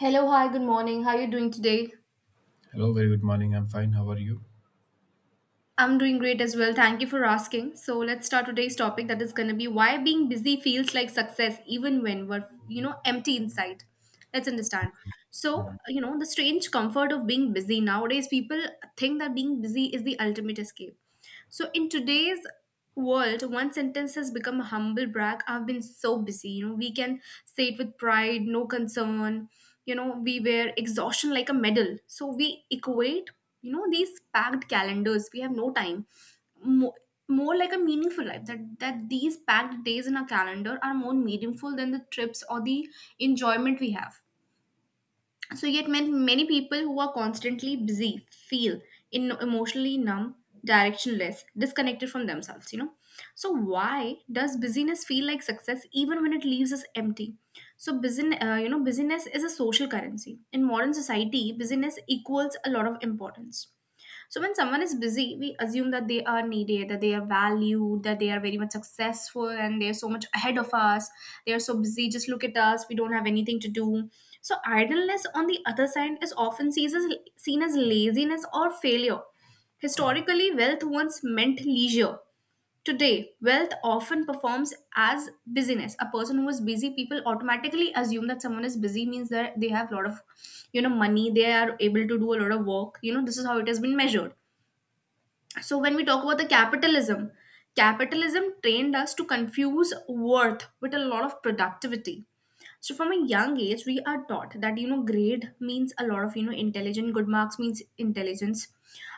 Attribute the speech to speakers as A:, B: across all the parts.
A: Hello, hi, good morning. How are you doing today?
B: Hello, very good morning. I'm fine. How are you?
A: I'm doing great as well. Thank you for asking. So let's start today's topic, that is going to be why being busy feels like success even when we're empty inside. Let's understand. So,
B: Mhm.
A: you know, the strange comfort of being busy. Nowadays people think that being busy is the ultimate escape. So in today's world, one sentence has become a humble brag: I've been so busy. You know, we can say it with pride, no concern. We wear exhaustion like a medal. So we equate these packed calendars. We have no time. More, more like a meaningful life. That these packed days in our calendar are more meaningful than the trips or the enjoyment we have. So yet many people who are constantly busy feel in emotionally numb, directionless, disconnected from themselves. So why does busyness feel like success even when it leaves us empty? So busyness is a social currency. In modern society, busyness equals a lot of importance. So when someone is busy, we assume that they are needed, that they are valued, that they are very much successful, and they are so much ahead of us. They are so busy, just look at us, we don't have anything to do. So idleness, on the other side, is often seen as laziness or failure. Historically, wealth once meant leisure. Today, wealth often performs as busyness. A person who is busy, people automatically assume that someone is busy means that they have a lot of money. They are able to do a lot of work. This is how it has been measured. So when we talk about the capitalism, trained us to confuse worth with a lot of productivity. So from a young age, we are taught that grade means a lot of intelligent, good marks means intelligence,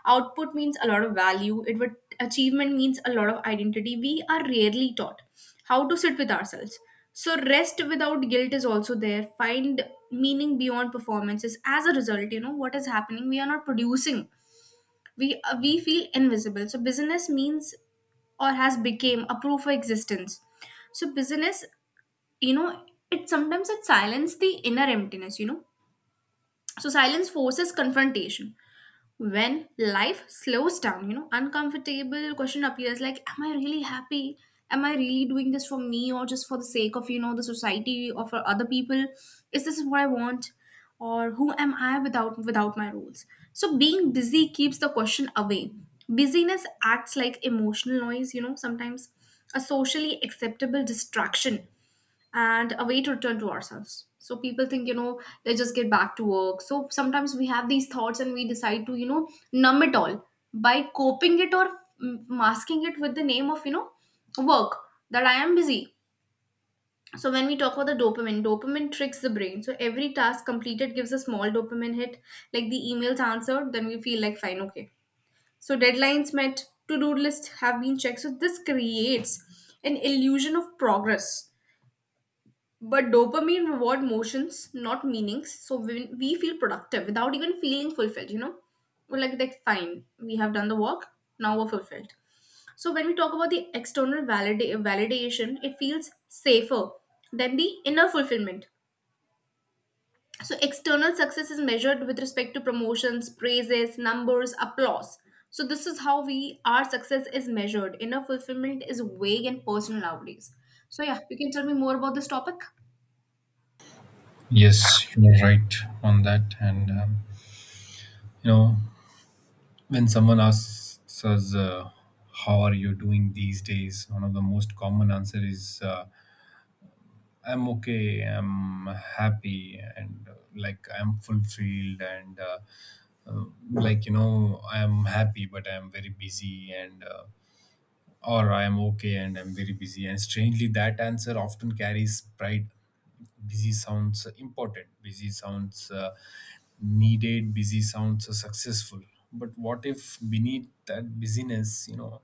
A: output means a lot of value, it would achievement means a lot of identity. We are rarely taught how to sit with ourselves. So rest without guilt is also there. Find meaning beyond performances. As a result, you know what is happening. We are not producing. We feel invisible, so business means or has become a proof of existence. So business you know it sometimes, it silences the inner emptiness. So silence forces confrontation. When life slows down, uncomfortable question appears, like, am I really happy? Am I really doing this for me, or just for the sake of the society or for other people? Is this what I want? Or who am I without my rules? So being busy keeps the question away. Busyness acts like emotional noise, sometimes, a socially acceptable distraction and a way to return to ourselves. So people think, let's just get back to work. So sometimes we have these thoughts and we decide to numb it all by coping it or masking it with the name of work, that I am busy. So when we talk about the dopamine, dopamine tricks the brain. So every task completed gives a small dopamine hit, like the emails answered, then we feel like, fine, okay. So deadlines met, to-do lists have been checked. So this creates an illusion of progress, but dopamine reward motions, not meanings. So when we feel productive without even feeling fulfilled, we're like, that fine, we have done the work, now we're fulfilled. So when we talk about the external validation, it feels safer than the inner fulfillment. So external success is measured with respect to promotions, praises, numbers, applause. So this is how we our success is measured. Inner fulfillment is vague and personal nowadays. So yeah, you can tell me more about this topic.
B: Yes, you're right on that. And, you know, when someone asks us, how are you doing these days? One of the most common answer is, I'm okay, I'm happy, and like I'm fulfilled, and like, you know, I'm happy, but I'm very busy, and or I am okay and I'm very busy. And strangely, that answer often carries pride. Busy sounds important, busy sounds needed, busy sounds successful. But what if beneath that busyness, you know,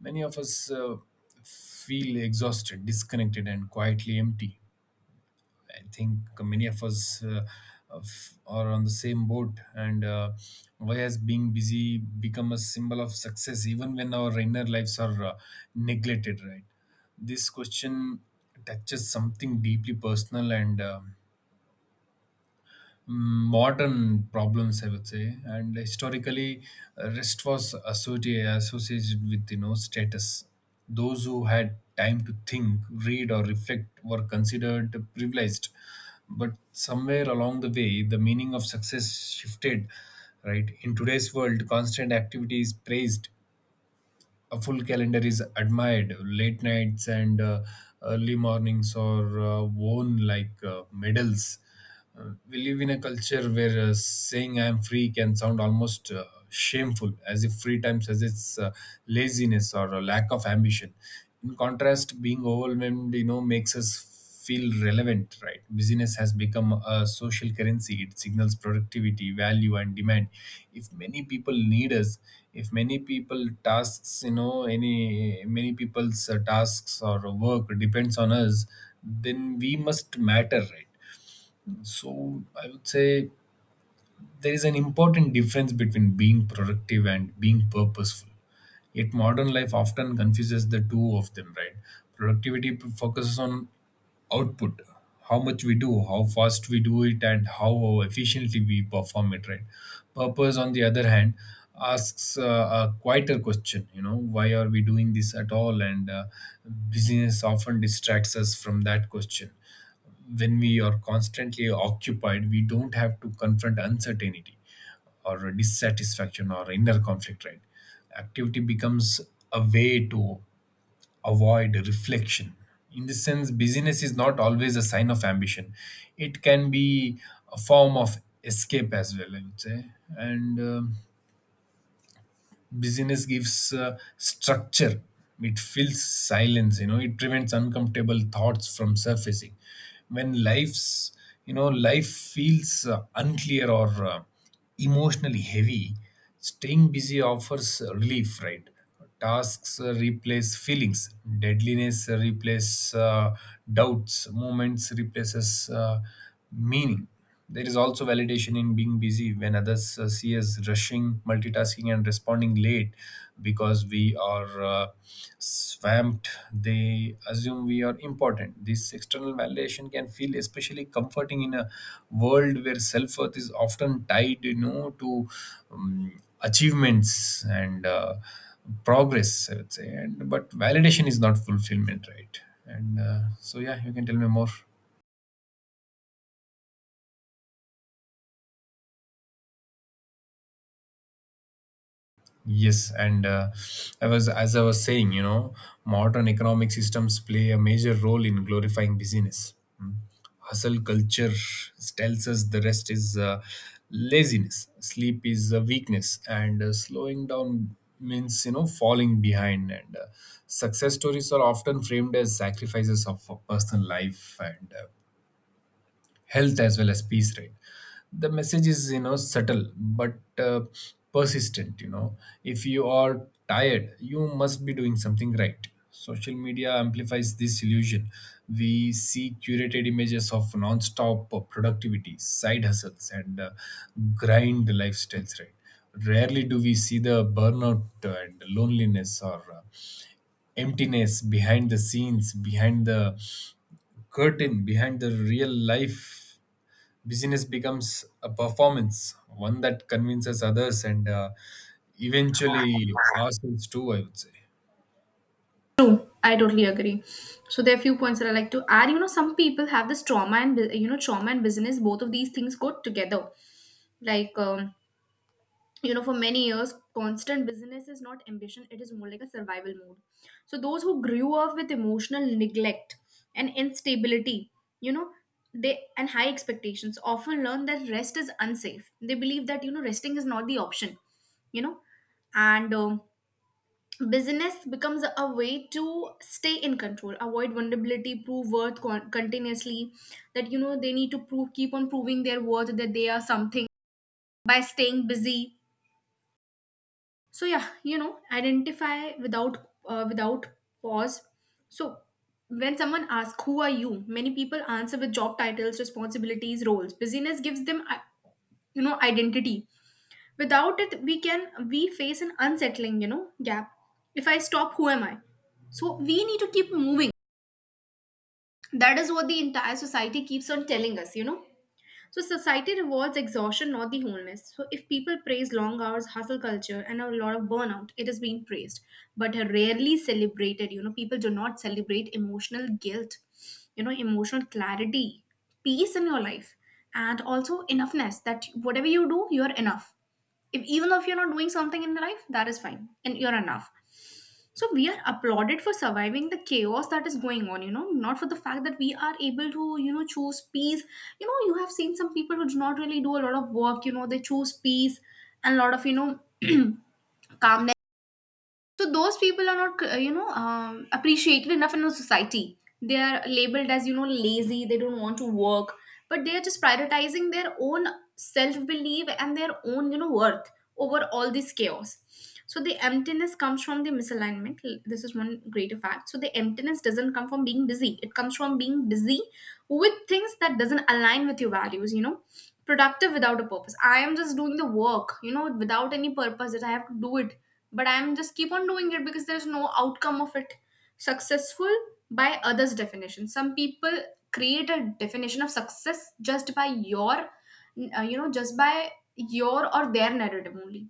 B: many of us feel exhausted, disconnected, and quietly empty? I think many of us, are on the same boat, and why has being busy become a symbol of success even when our inner lives are neglected, right? This question touches something deeply personal, and modern problems, I would say. And historically, rest was associated with, you know, status. Those who had time to think, read, or reflect were considered privileged. But somewhere along the way, the meaning of success shifted, right? In today's world, constant activity is praised, a full calendar is admired, late nights and early mornings are worn like medals. We live in a culture where saying I am free can sound almost shameful, as if free time suggests laziness or a lack of ambition. In contrast, being overwhelmed, you know, makes us feel relevant, right? Business has become a social currency. It signals productivity, value, and demand. If many people need us, if many people tasks, you know, any many people's tasks or work depends on us, then we must matter, right? So I would say there is an important difference between being productive and being purposeful. Yet modern life often confuses the two of them, right? Productivity focuses on output, how much we do, how fast we do it, and how efficiently we perform it, right? Purpose, on the other hand, asks a quieter question, you know, why are we doing this at all? And business often distracts us from that question. When we are constantly occupied, we don't have to confront uncertainty or dissatisfaction or inner conflict, right? Activity becomes a way to avoid reflection. In this sense, busyness is not always a sign of ambition, it can be a form of escape as well, I would say. And busyness gives structure, it fills silence, you know, it prevents uncomfortable thoughts from surfacing. When life's you know life feels unclear or emotionally heavy, staying busy offers relief, right? Tasks replace feelings, deadliness replace doubts, moments replaces meaning. There is also validation in being busy. When others see us rushing, multitasking, and responding late because we are swamped, they assume we are important. This external validation can feel especially comforting in a world where self-worth is often tied, you know, to um, achievements and progress, I would say. And but validation is not fulfillment, right? And so yeah, you can tell me more. Yes, and I was as I was saying, you know, modern economic systems play a major role in glorifying busyness. Hmm. Hustle culture tells us the rest is laziness, sleep is a weakness, and slowing down means, you know, falling behind. And success stories are often framed as sacrifices of a personal life and health, as well as peace, right? The message is, you know, subtle but persistent, you know, if you are tired, you must be doing something right. Social media amplifies this illusion. We see curated images of non-stop productivity, side hustles, and grind lifestyles, right? Rarely do we see the burnout and loneliness or emptiness behind the scenes, behind the curtain, behind the real life. Business becomes a performance, one that convinces others and eventually ourselves too, I would say.
A: True, I totally agree. So there are few points that I like to add. Some people have this trauma and trauma and business. Both of these things go together. Like, for many years, constant business is not ambition. It is more like a survival mode. So those who grew up with emotional neglect and instability, you know, they and high expectations often learn that rest is unsafe. They believe that resting is not the option. You know, and business becomes a way to stay in control, avoid vulnerability, prove worth, continuously, that they need to prove, keep on proving their worth, that they are something, by staying busy. So yeah, identify without pause. So when someone asks, who are you, many people answer with job titles, responsibilities, roles. Busyness gives them identity. Without it, we face an unsettling gap. If I stop, who am I? So we need to keep moving. That is what the entire society keeps on telling us. So society rewards exhaustion, not the wholeness. So if people praise long hours, hustle culture, and a lot of burnout, it is being praised, but rarely celebrated. People do not celebrate emotional guilt, emotional clarity, peace in your life, and also enoughness, that whatever you do, you're enough. If even though if you're not doing something in life, that is fine, and you're enough. So we are applauded for surviving the chaos that is going on, not for the fact that we are able to choose peace. You have seen some people who do not really do a lot of work. They choose peace and a lot of calmness. So those people are not appreciated enough in our society. They are labeled as lazy. They don't want to work, but they are just prioritizing their own self belief and their own worth over all this chaos. So the emptiness comes from the misalignment. This is one greater fact. So the emptiness doesn't come from being busy. It comes from being busy with things that doesn't align with your values. Productive without a purpose. I am just doing the work without any purpose, that I have to do it, but I'm just keep on doing it because there's no outcome of it. Successful by others' definition. Some people create a definition of success just by your or their narrative only.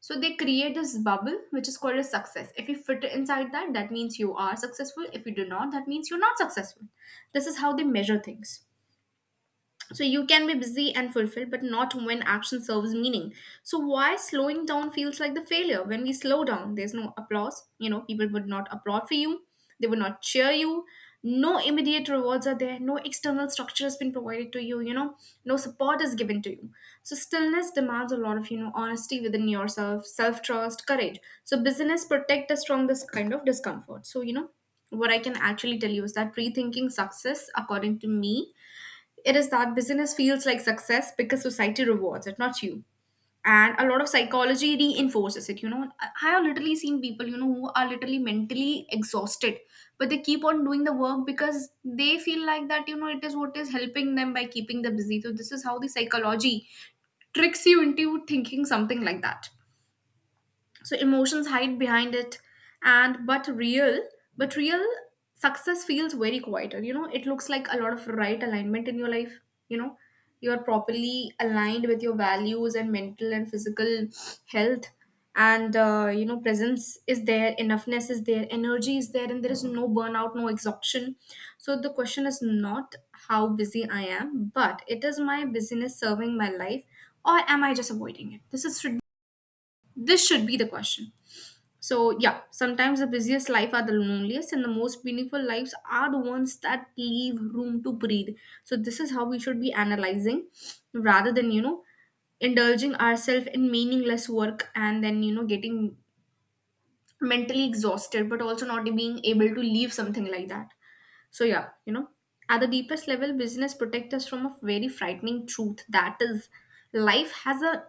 A: So they create this bubble which is called as success. If you fit inside that means you are successful. If you do not, that means you're not successful. This is how they measure things. So you can be busy and fulfilled, but not when action serves meaning. So why slowing down feels like the failure? When we slow down, there's no applause. People would not applaud for you. They would not cheer you. No immediate rewards are there. No external structure has been provided to you. No support is given to you. So stillness demands a lot of honesty within yourself, self trust, courage. So business protect us from this kind of discomfort. So, what I can actually tell you is that, rethinking success, according to me, it is that business feels like success because society rewards it, not you. And a lot of psychology reinforces it. I have literally seen people who are literally mentally exhausted, but they keep on doing the work because they feel like that it is what is helping them by keeping them busy. So this is how the psychology tricks you into thinking something like that. So emotions hide behind it. And but real success feels very quieter. It looks like a lot of right alignment in your life. You know you are properly aligned with your values and mental and physical health. And presence is there, enoughness is there, energy is there, and there is no burnout, no exhaustion. So the question is not how busy I am, but it is, my busyness serving my life, or am I just avoiding it? This should be the question. So, yeah, sometimes the busiest life are the loneliest, and the most meaningful lives are the ones that leave room to breathe. So this is how we should be analyzing, rather than indulging ourselves in meaningless work, and then getting mentally exhausted, but also not being able to leave something like that. So, yeah, at the deepest level, business protect us from a very frightening truth, that is, life has a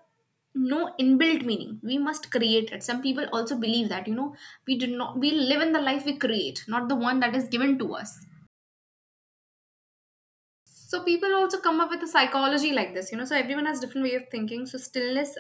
A: no inbuilt meaning. We must create it. Some people also believe that, we do not, we live in the life we create, not the one that is given to us. So, people also come up with a psychology like this, so everyone has different way of thinking. So, stillness,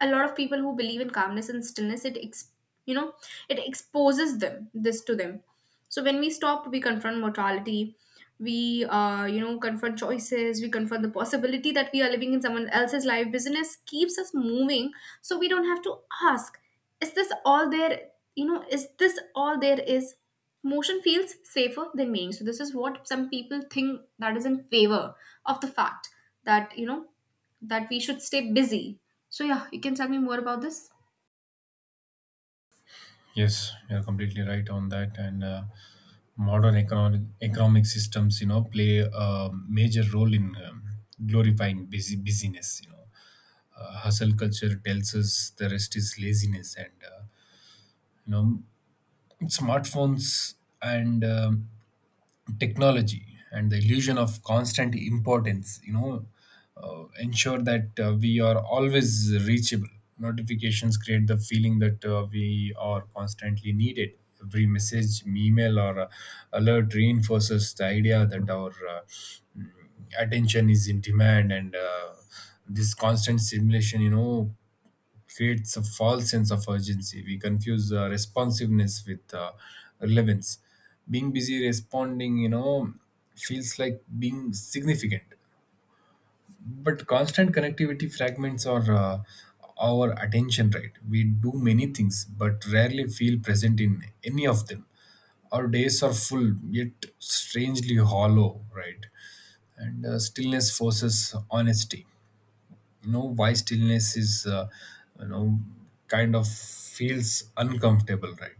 A: a lot of people who believe in calmness and stillness, it ex- you know it exposes them, this to them. So when we stop, we confront mortality, we confront choices, we confront the possibility that we are living in someone else's life. Business keeps us moving so we don't have to ask, is this all there is? Motion feels safer than meaning. So this is what some people think that is in favor of the fact that, that we should stay busy. So yeah, you can tell me more about this.
B: Yes, you're completely right on that. And modern economic systems, you know, play a major role in glorifying busyness. You know, hustle culture tells us the rest is laziness, and you know, smartphones and technology and the illusion of constant importance, you know, ensure that we are always reachable. Notifications create the feeling that we are constantly needed. Every message, email, or alert reinforces the idea that our mm, attention is in demand. And this constant stimulation, you know, creates a false sense of urgency. We confuse responsiveness with relevance. Being busy responding, you know, feels like being significant. But constant connectivity fragments our attention. Right, we do many things but rarely feel present in any of them. Our days are full, yet strangely hollow, right? And stillness forces honesty, you know. Why stillness is, you know, kind of feels uncomfortable, right?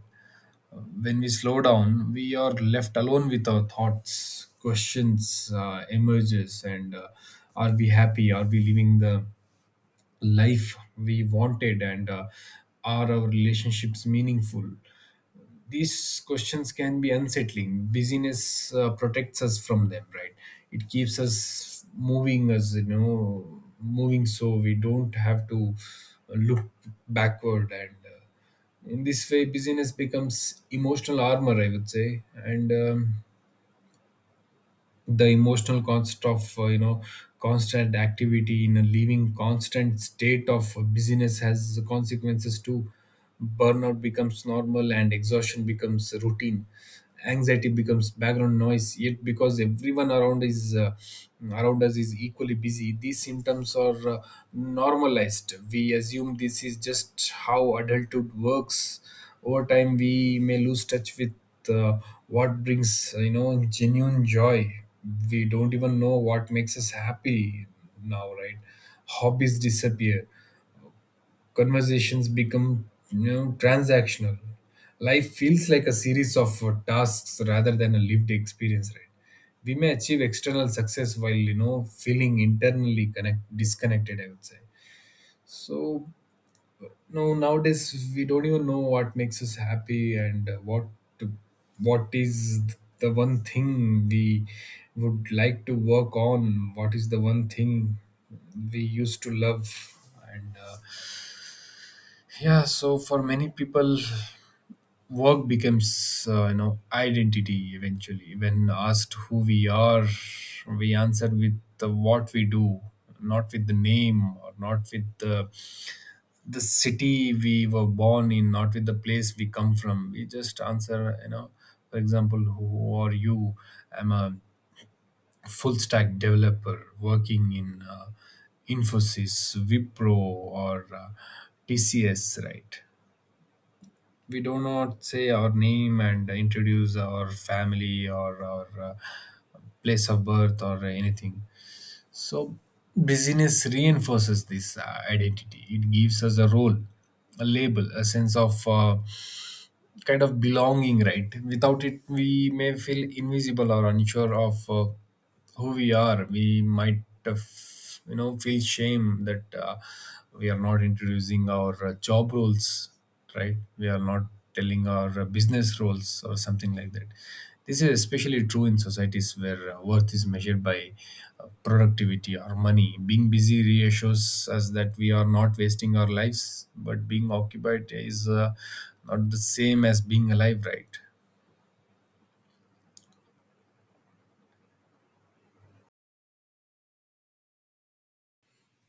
B: When we slow down, we are left alone with our thoughts. Questions emerges, and are we happy, are we living the life we wanted, and are our relationships meaningful? These questions can be unsettling. Busyness protects us from them, right? It keeps us moving, us you know, moving, so we don't have to look backward. And in this way, busyness becomes emotional armor, I would say. And the emotional cost of, you know, constant activity in a living constant state of busyness has consequences too. Burnout becomes normal, and exhaustion becomes routine, anxiety becomes background noise. Yet because everyone around us is equally busy, these symptoms are normalized. We assume this is just how adulthood works. Over time, we may lose touch with uh, what brings, you know, genuine joy. We don't even know what makes us happy now, right? Hobbies disappear, conversations become, you know, transactional. Life feels like a series of tasks rather than a lived experience, right? We may achieve external success while, you know, feeling internally connect disconnected, I would say. So no, nowadays we don't even know what makes us happy, and what is the one thing we would like to work on. What is the one thing we used to love? And yeah, so for many people, work becomes, you know, identity eventually. When asked who we are, we answer with the what we do, not with the name or not with the city we were born in, not with the place we come from. We just answer, you know, for example, who are you? I'm a full stack developer working in Infosys, Wipro, or TCS, right? We do not say our name and introduce our family or our, place of birth or anything. So busyness reinforces this identity. It gives us a role, a label, a sense of, kind of belonging, right? Without it, we may feel invisible or unsure of who we are. We might, you know, feel shame that we are not introducing our job roles, right? We are not telling our business roles or something like that. This is especially true in societies where worth is measured by productivity or money. Being busy reassures us that we are not wasting our lives, but being occupied is not the same as being alive, right?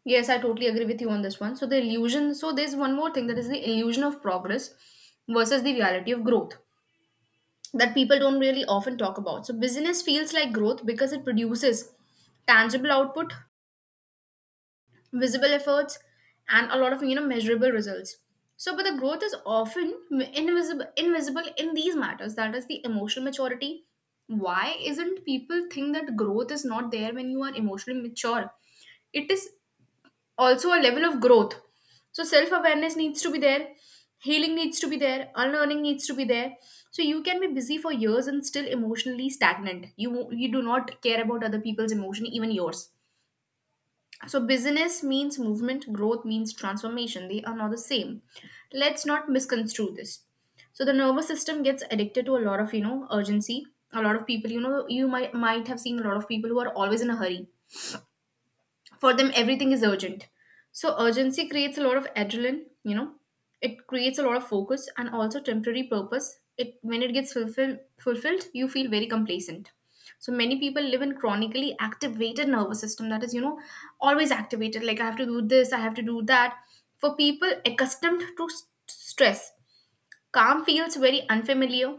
A: Yes, I totally agree with you on this one. So the illusion, so there's one more thing that is the illusion of progress versus the reality of growth that people don't really often talk about. So business feels like growth because it produces tangible output, visible efforts, and a lot of, measurable results. So but the growth is often invisible in these matters, that is the emotional maturity. Why isn't people think that growth is not there when you are emotionally mature? It is also a level of growth. So self awareness needs to be there, healing needs to be there, unlearning needs to be there. So you can be busy for years and still emotionally stagnant. You do not care about other people's emotion, even yours. So, business means movement, growth means transformation. They are not the same. Let's not misconstrue this. So, the nervous system gets addicted to a lot of, urgency. A lot of people, you might have seen a lot of people who are always in a hurry. For them everything is urgent. So urgency creates a lot of adrenaline, you know, it creates a lot of focus and also temporary purpose. It, when it gets fulfilled, you feel very complacent. So many people live in chronically activated nervous system, that is, always activated, like I have to do this, I have to do that. For people accustomed to stress, calm feels very unfamiliar,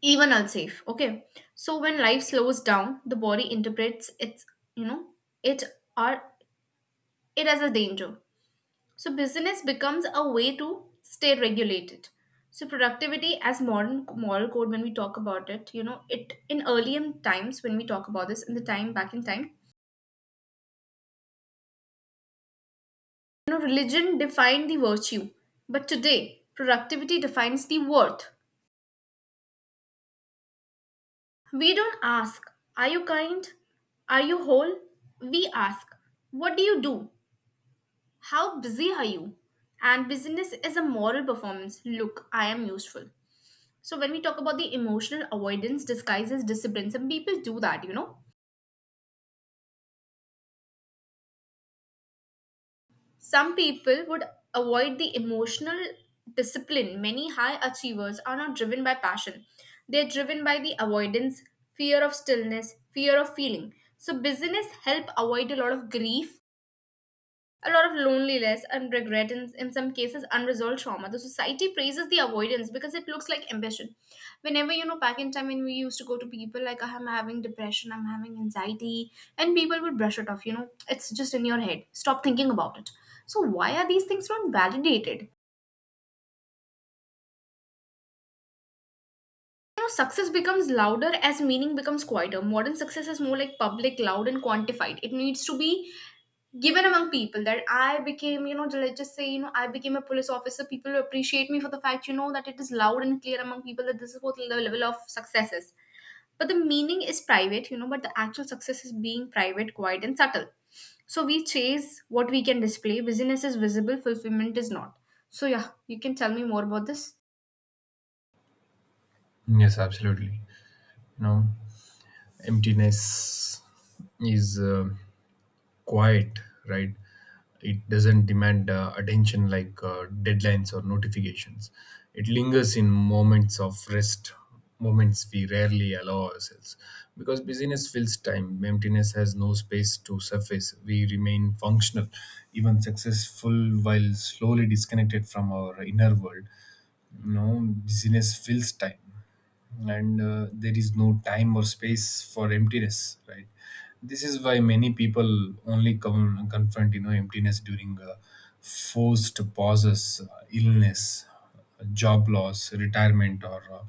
A: even unsafe. Okay, so when life slows down, the body interprets its, you know it are it as a danger. So business becomes a way to stay regulated. So productivity as modern moral code, when we talk about it, you know, it, in earlier times when we talk about this, in the time back in time, you know, religion defined the virtue, but today productivity defines the worth. We don't ask, are you kind? Are you whole? We ask, what do you do? How busy are you? And business is a moral performance. Look, I am useful. So when we talk about the emotional avoidance disguised as discipline, some people do that, you know. Some people would avoid the emotional discipline. Many high achievers are not driven by passion. They're driven by the avoidance, fear of stillness, fear of feeling. So business help avoid a lot of grief, a lot of loneliness and regret, and in some cases unresolved trauma. The society praises the avoidance because it looks like ambition. Whenever, you know, back in time, when we used to go to people like, I'm having depression, I'm having anxiety, and people would brush it off, you know, it's just in your head, stop thinking about it. So why are these things not validated? You know, success becomes louder as meaning becomes quieter. Modern success is more like public, loud, and quantified. It needs to be given among people that I became, you know, let's just say, you know, I became a police officer. People will appreciate me for the fact, you know, that it is loud and clear among people that this is what the level of success is. But the meaning is private, you know, but the actual success is being private, quiet, and subtle. So we chase what we can display. Business is visible, fulfillment is not. So, yeah, you can tell me more about this.
B: Yes, absolutely. You know, emptiness is, quiet, right? It doesn't demand attention like deadlines or notifications. It lingers in moments of rest, moments we rarely allow ourselves. Because busyness fills time, emptiness has no space to surface. We remain functional, even successful, while slowly disconnected from our inner world, you know. Busyness fills time, and there is no time or space for emptiness, right? This is why many people only come confront, you know, emptiness during forced pauses, illness, job loss, retirement, or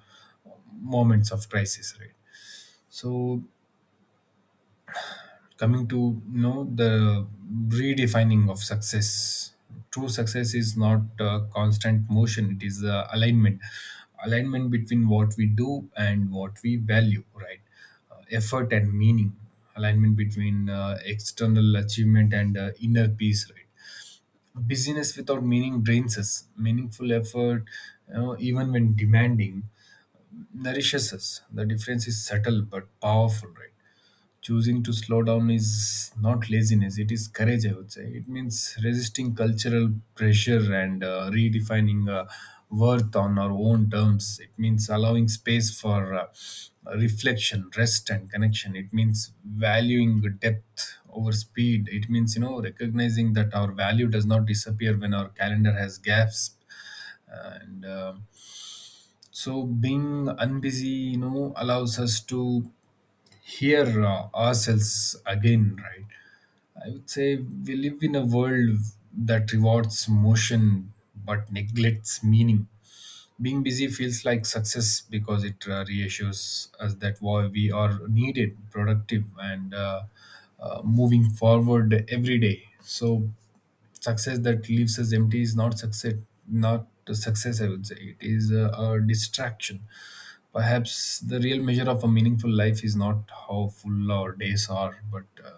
B: moments of crisis, right? So coming to, you know, the redefining of success, true success is not constant motion, it is alignment. Alignment between what we do and what we value, right? Effort and meaning, alignment between external achievement and inner peace, right? Busyness without meaning drains us, meaningful effort, you know, even when demanding, nourishes us. The difference is subtle but powerful, right? Choosing to slow down is not laziness, it is courage, I would say. It means resisting cultural pressure and redefining worth on our own terms. It means allowing space for reflection, rest, and connection. It means valuing depth over speed. It means, you know, recognizing that our value does not disappear when our calendar has gaps. And so being unbusy, you know, allows us to here ourselves again, right? I would say we live in a world that rewards motion but neglects meaning. Being busy feels like success because it reassures us that why we are needed, productive, and moving forward every day. So success that leaves us empty is not success, not a success, I would say it is a distraction. Perhaps the real measure of a meaningful life is not how full our days are, but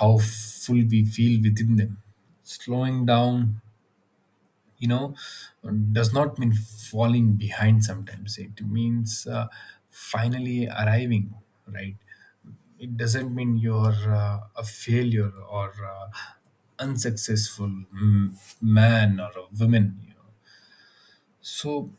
B: how full we feel within them. Slowing down, you know, does not mean falling behind. Sometimes it means, finally arriving, right? It doesn't mean you're a failure or unsuccessful man or a woman, you know. So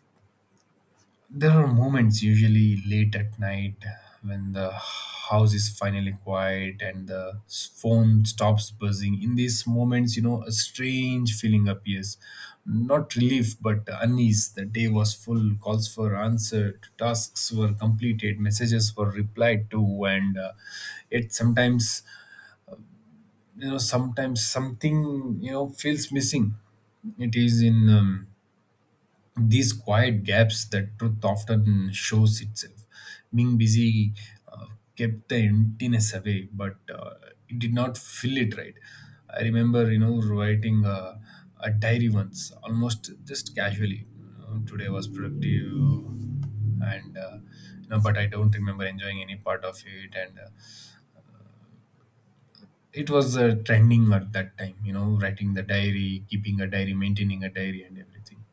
B: there are moments, usually late at night, when the house is finally quiet and the phone stops buzzing. In these moments, you know, a strange feeling appears, not relief but unease. The day was full, calls were answered, tasks were completed, messages were replied to, and yet sometimes, sometimes something, feels missing. It is in these quiet gaps that truth often shows itself. Being busy, uh, kept the emptiness away, but it did not fill it, right? I remember, you know, writing a diary once, almost just casually, you know, today was productive, and you know, but I don't remember enjoying any part of it, and it was trending at that time, you know, writing the diary, keeping a diary, maintaining a diary and everything.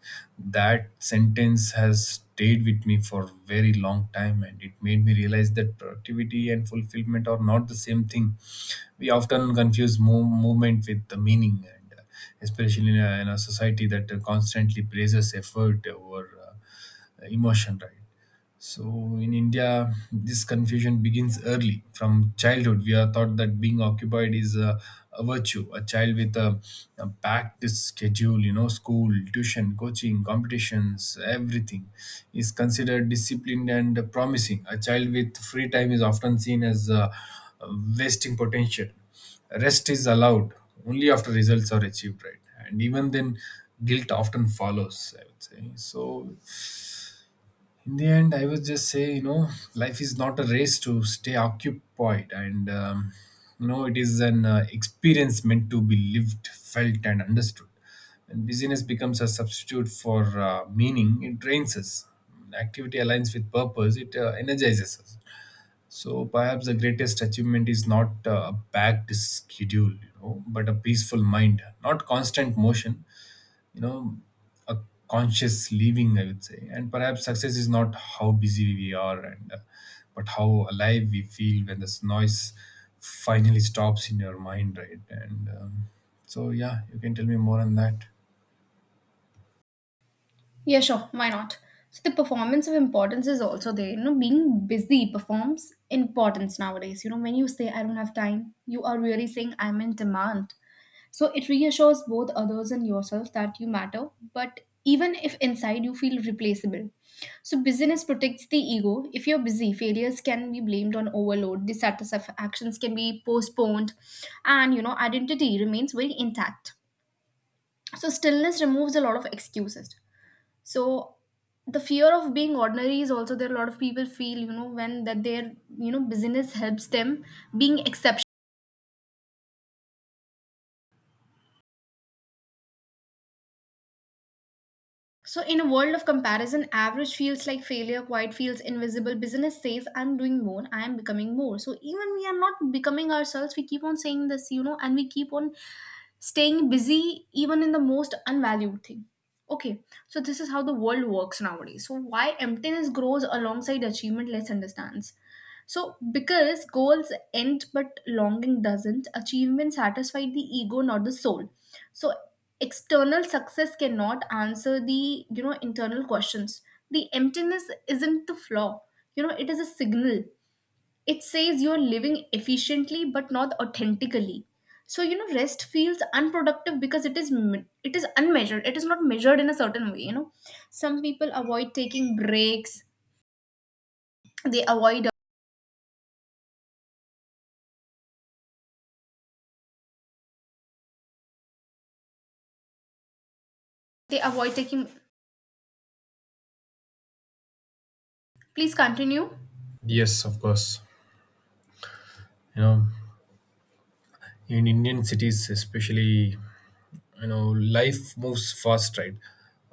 B: That sentence has stayed with me for a very long time, and it made me realize that productivity and fulfillment are not the same thing. We often confuse movement with the meaning, and especially in a society that constantly praises effort over emotion, right? So in India, this confusion begins early. From childhood, we are taught that being occupied is a virtue. A child with a packed schedule, you know, school, tuition, coaching, competitions, everything, is considered disciplined and promising. A child with free time is often seen as wasting potential. Rest is allowed only after results are achieved, right? And even then, guilt often follows, I would say. So in the end, I would just say, you know, life is not a race to stay occupied, and you know, it is an experience meant to be lived, felt and understood. When busyness becomes a substitute for meaning, it drains us. When activity aligns with purpose, it energizes us. So perhaps the greatest achievement is not a packed schedule, you know, but a peaceful mind, not constant motion, you know a conscious living, I would say. And perhaps success is not how busy we are, and but how alive we feel when this noise finally stops in your mind, right? And so yeah, you can tell me more on that.
A: Yeah, sure. Why not? So the performance of importance is also there. You know, being busy performs importance nowadays. You know, when you say I don't have time, you are really saying I'm in demand. So it reassures both others and yourself that you matter, but even if inside you feel replaceable. So busyness protects the ego. If you're busy, failures can be blamed on overload, dissatisfactions can be postponed, and you know, identity remains very intact. So stillness removes a lot of excuses. So the fear of being ordinary is also there. A lot of people feel, you know, when that their, you know, business helps them being. So, in a world of comparison, average feels like failure, quiet feels invisible, business says, I'm doing more, I am becoming more. So, even we are not becoming ourselves, we keep on saying this, you know, and we keep on staying busy even in the most unvalued thing. Okay, so this is how the world works nowadays. So, why emptiness grows alongside achievement, let's understand. So, because goals end but longing doesn't, achievement satisfied the ego, not the soul. So external success cannot answer the, you know, internal questions. The emptiness isn't the flaw, you know, it is a signal. It says you're living efficiently but not authentically. So you know rest feels unproductive because it is unmeasured, it is not measured in a certain way, you know. Some people avoid taking breaks, they avoid, they avoid taking. Please continue.
B: Yes, of course. You know, in Indian cities especially, you know, life moves fast, right?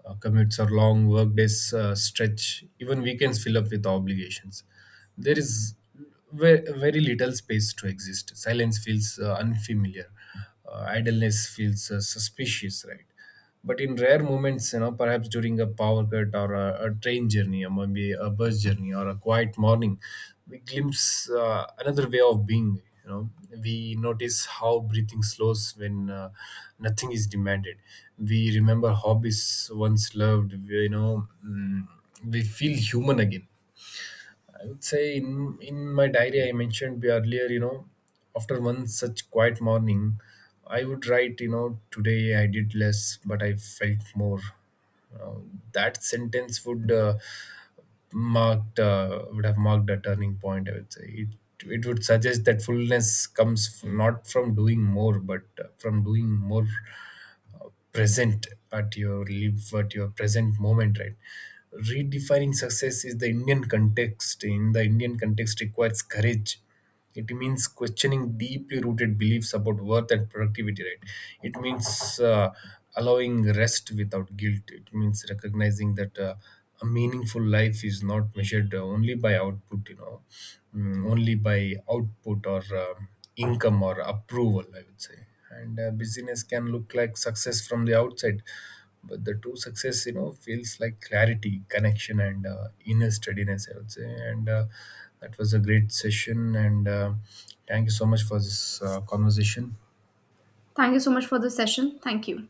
B: Commutes are long, work days stretch, even weekends fill up with obligations. There is very little space to exist. Silence feels unfamiliar, idleness feels suspicious, right? But in rare moments, you know, perhaps during a power cut or a train journey, or maybe a bus journey or a quiet morning, we glimpse another way of being. You know, we notice how breathing slows when, nothing is demanded. We remember hobbies once loved. We, you know, we feel human again, would say in my diary I mentioned earlier, you know, after one such quiet morning, I would write, you know, today I did less, but I felt more. Uh, that sentence would marked, would have marked a turning point. I would say it, it would suggest that fullness comes not from doing more, but from doing more present at your live at your present moment, right? Redefining success is the Indian context, in the Indian context, requires courage. It means questioning deeply rooted beliefs about worth and productivity, right? It means, allowing rest without guilt. It means recognizing that, a meaningful life is not measured only by output, you know, only by output or income or approval, I would say. And busyness can look like success from the outside, but the true success, you know, feels like clarity, connection and inner steadiness, I would say. And that was a great session, and thank you so much for this conversation.
A: Thank you so much for the session. Thank you.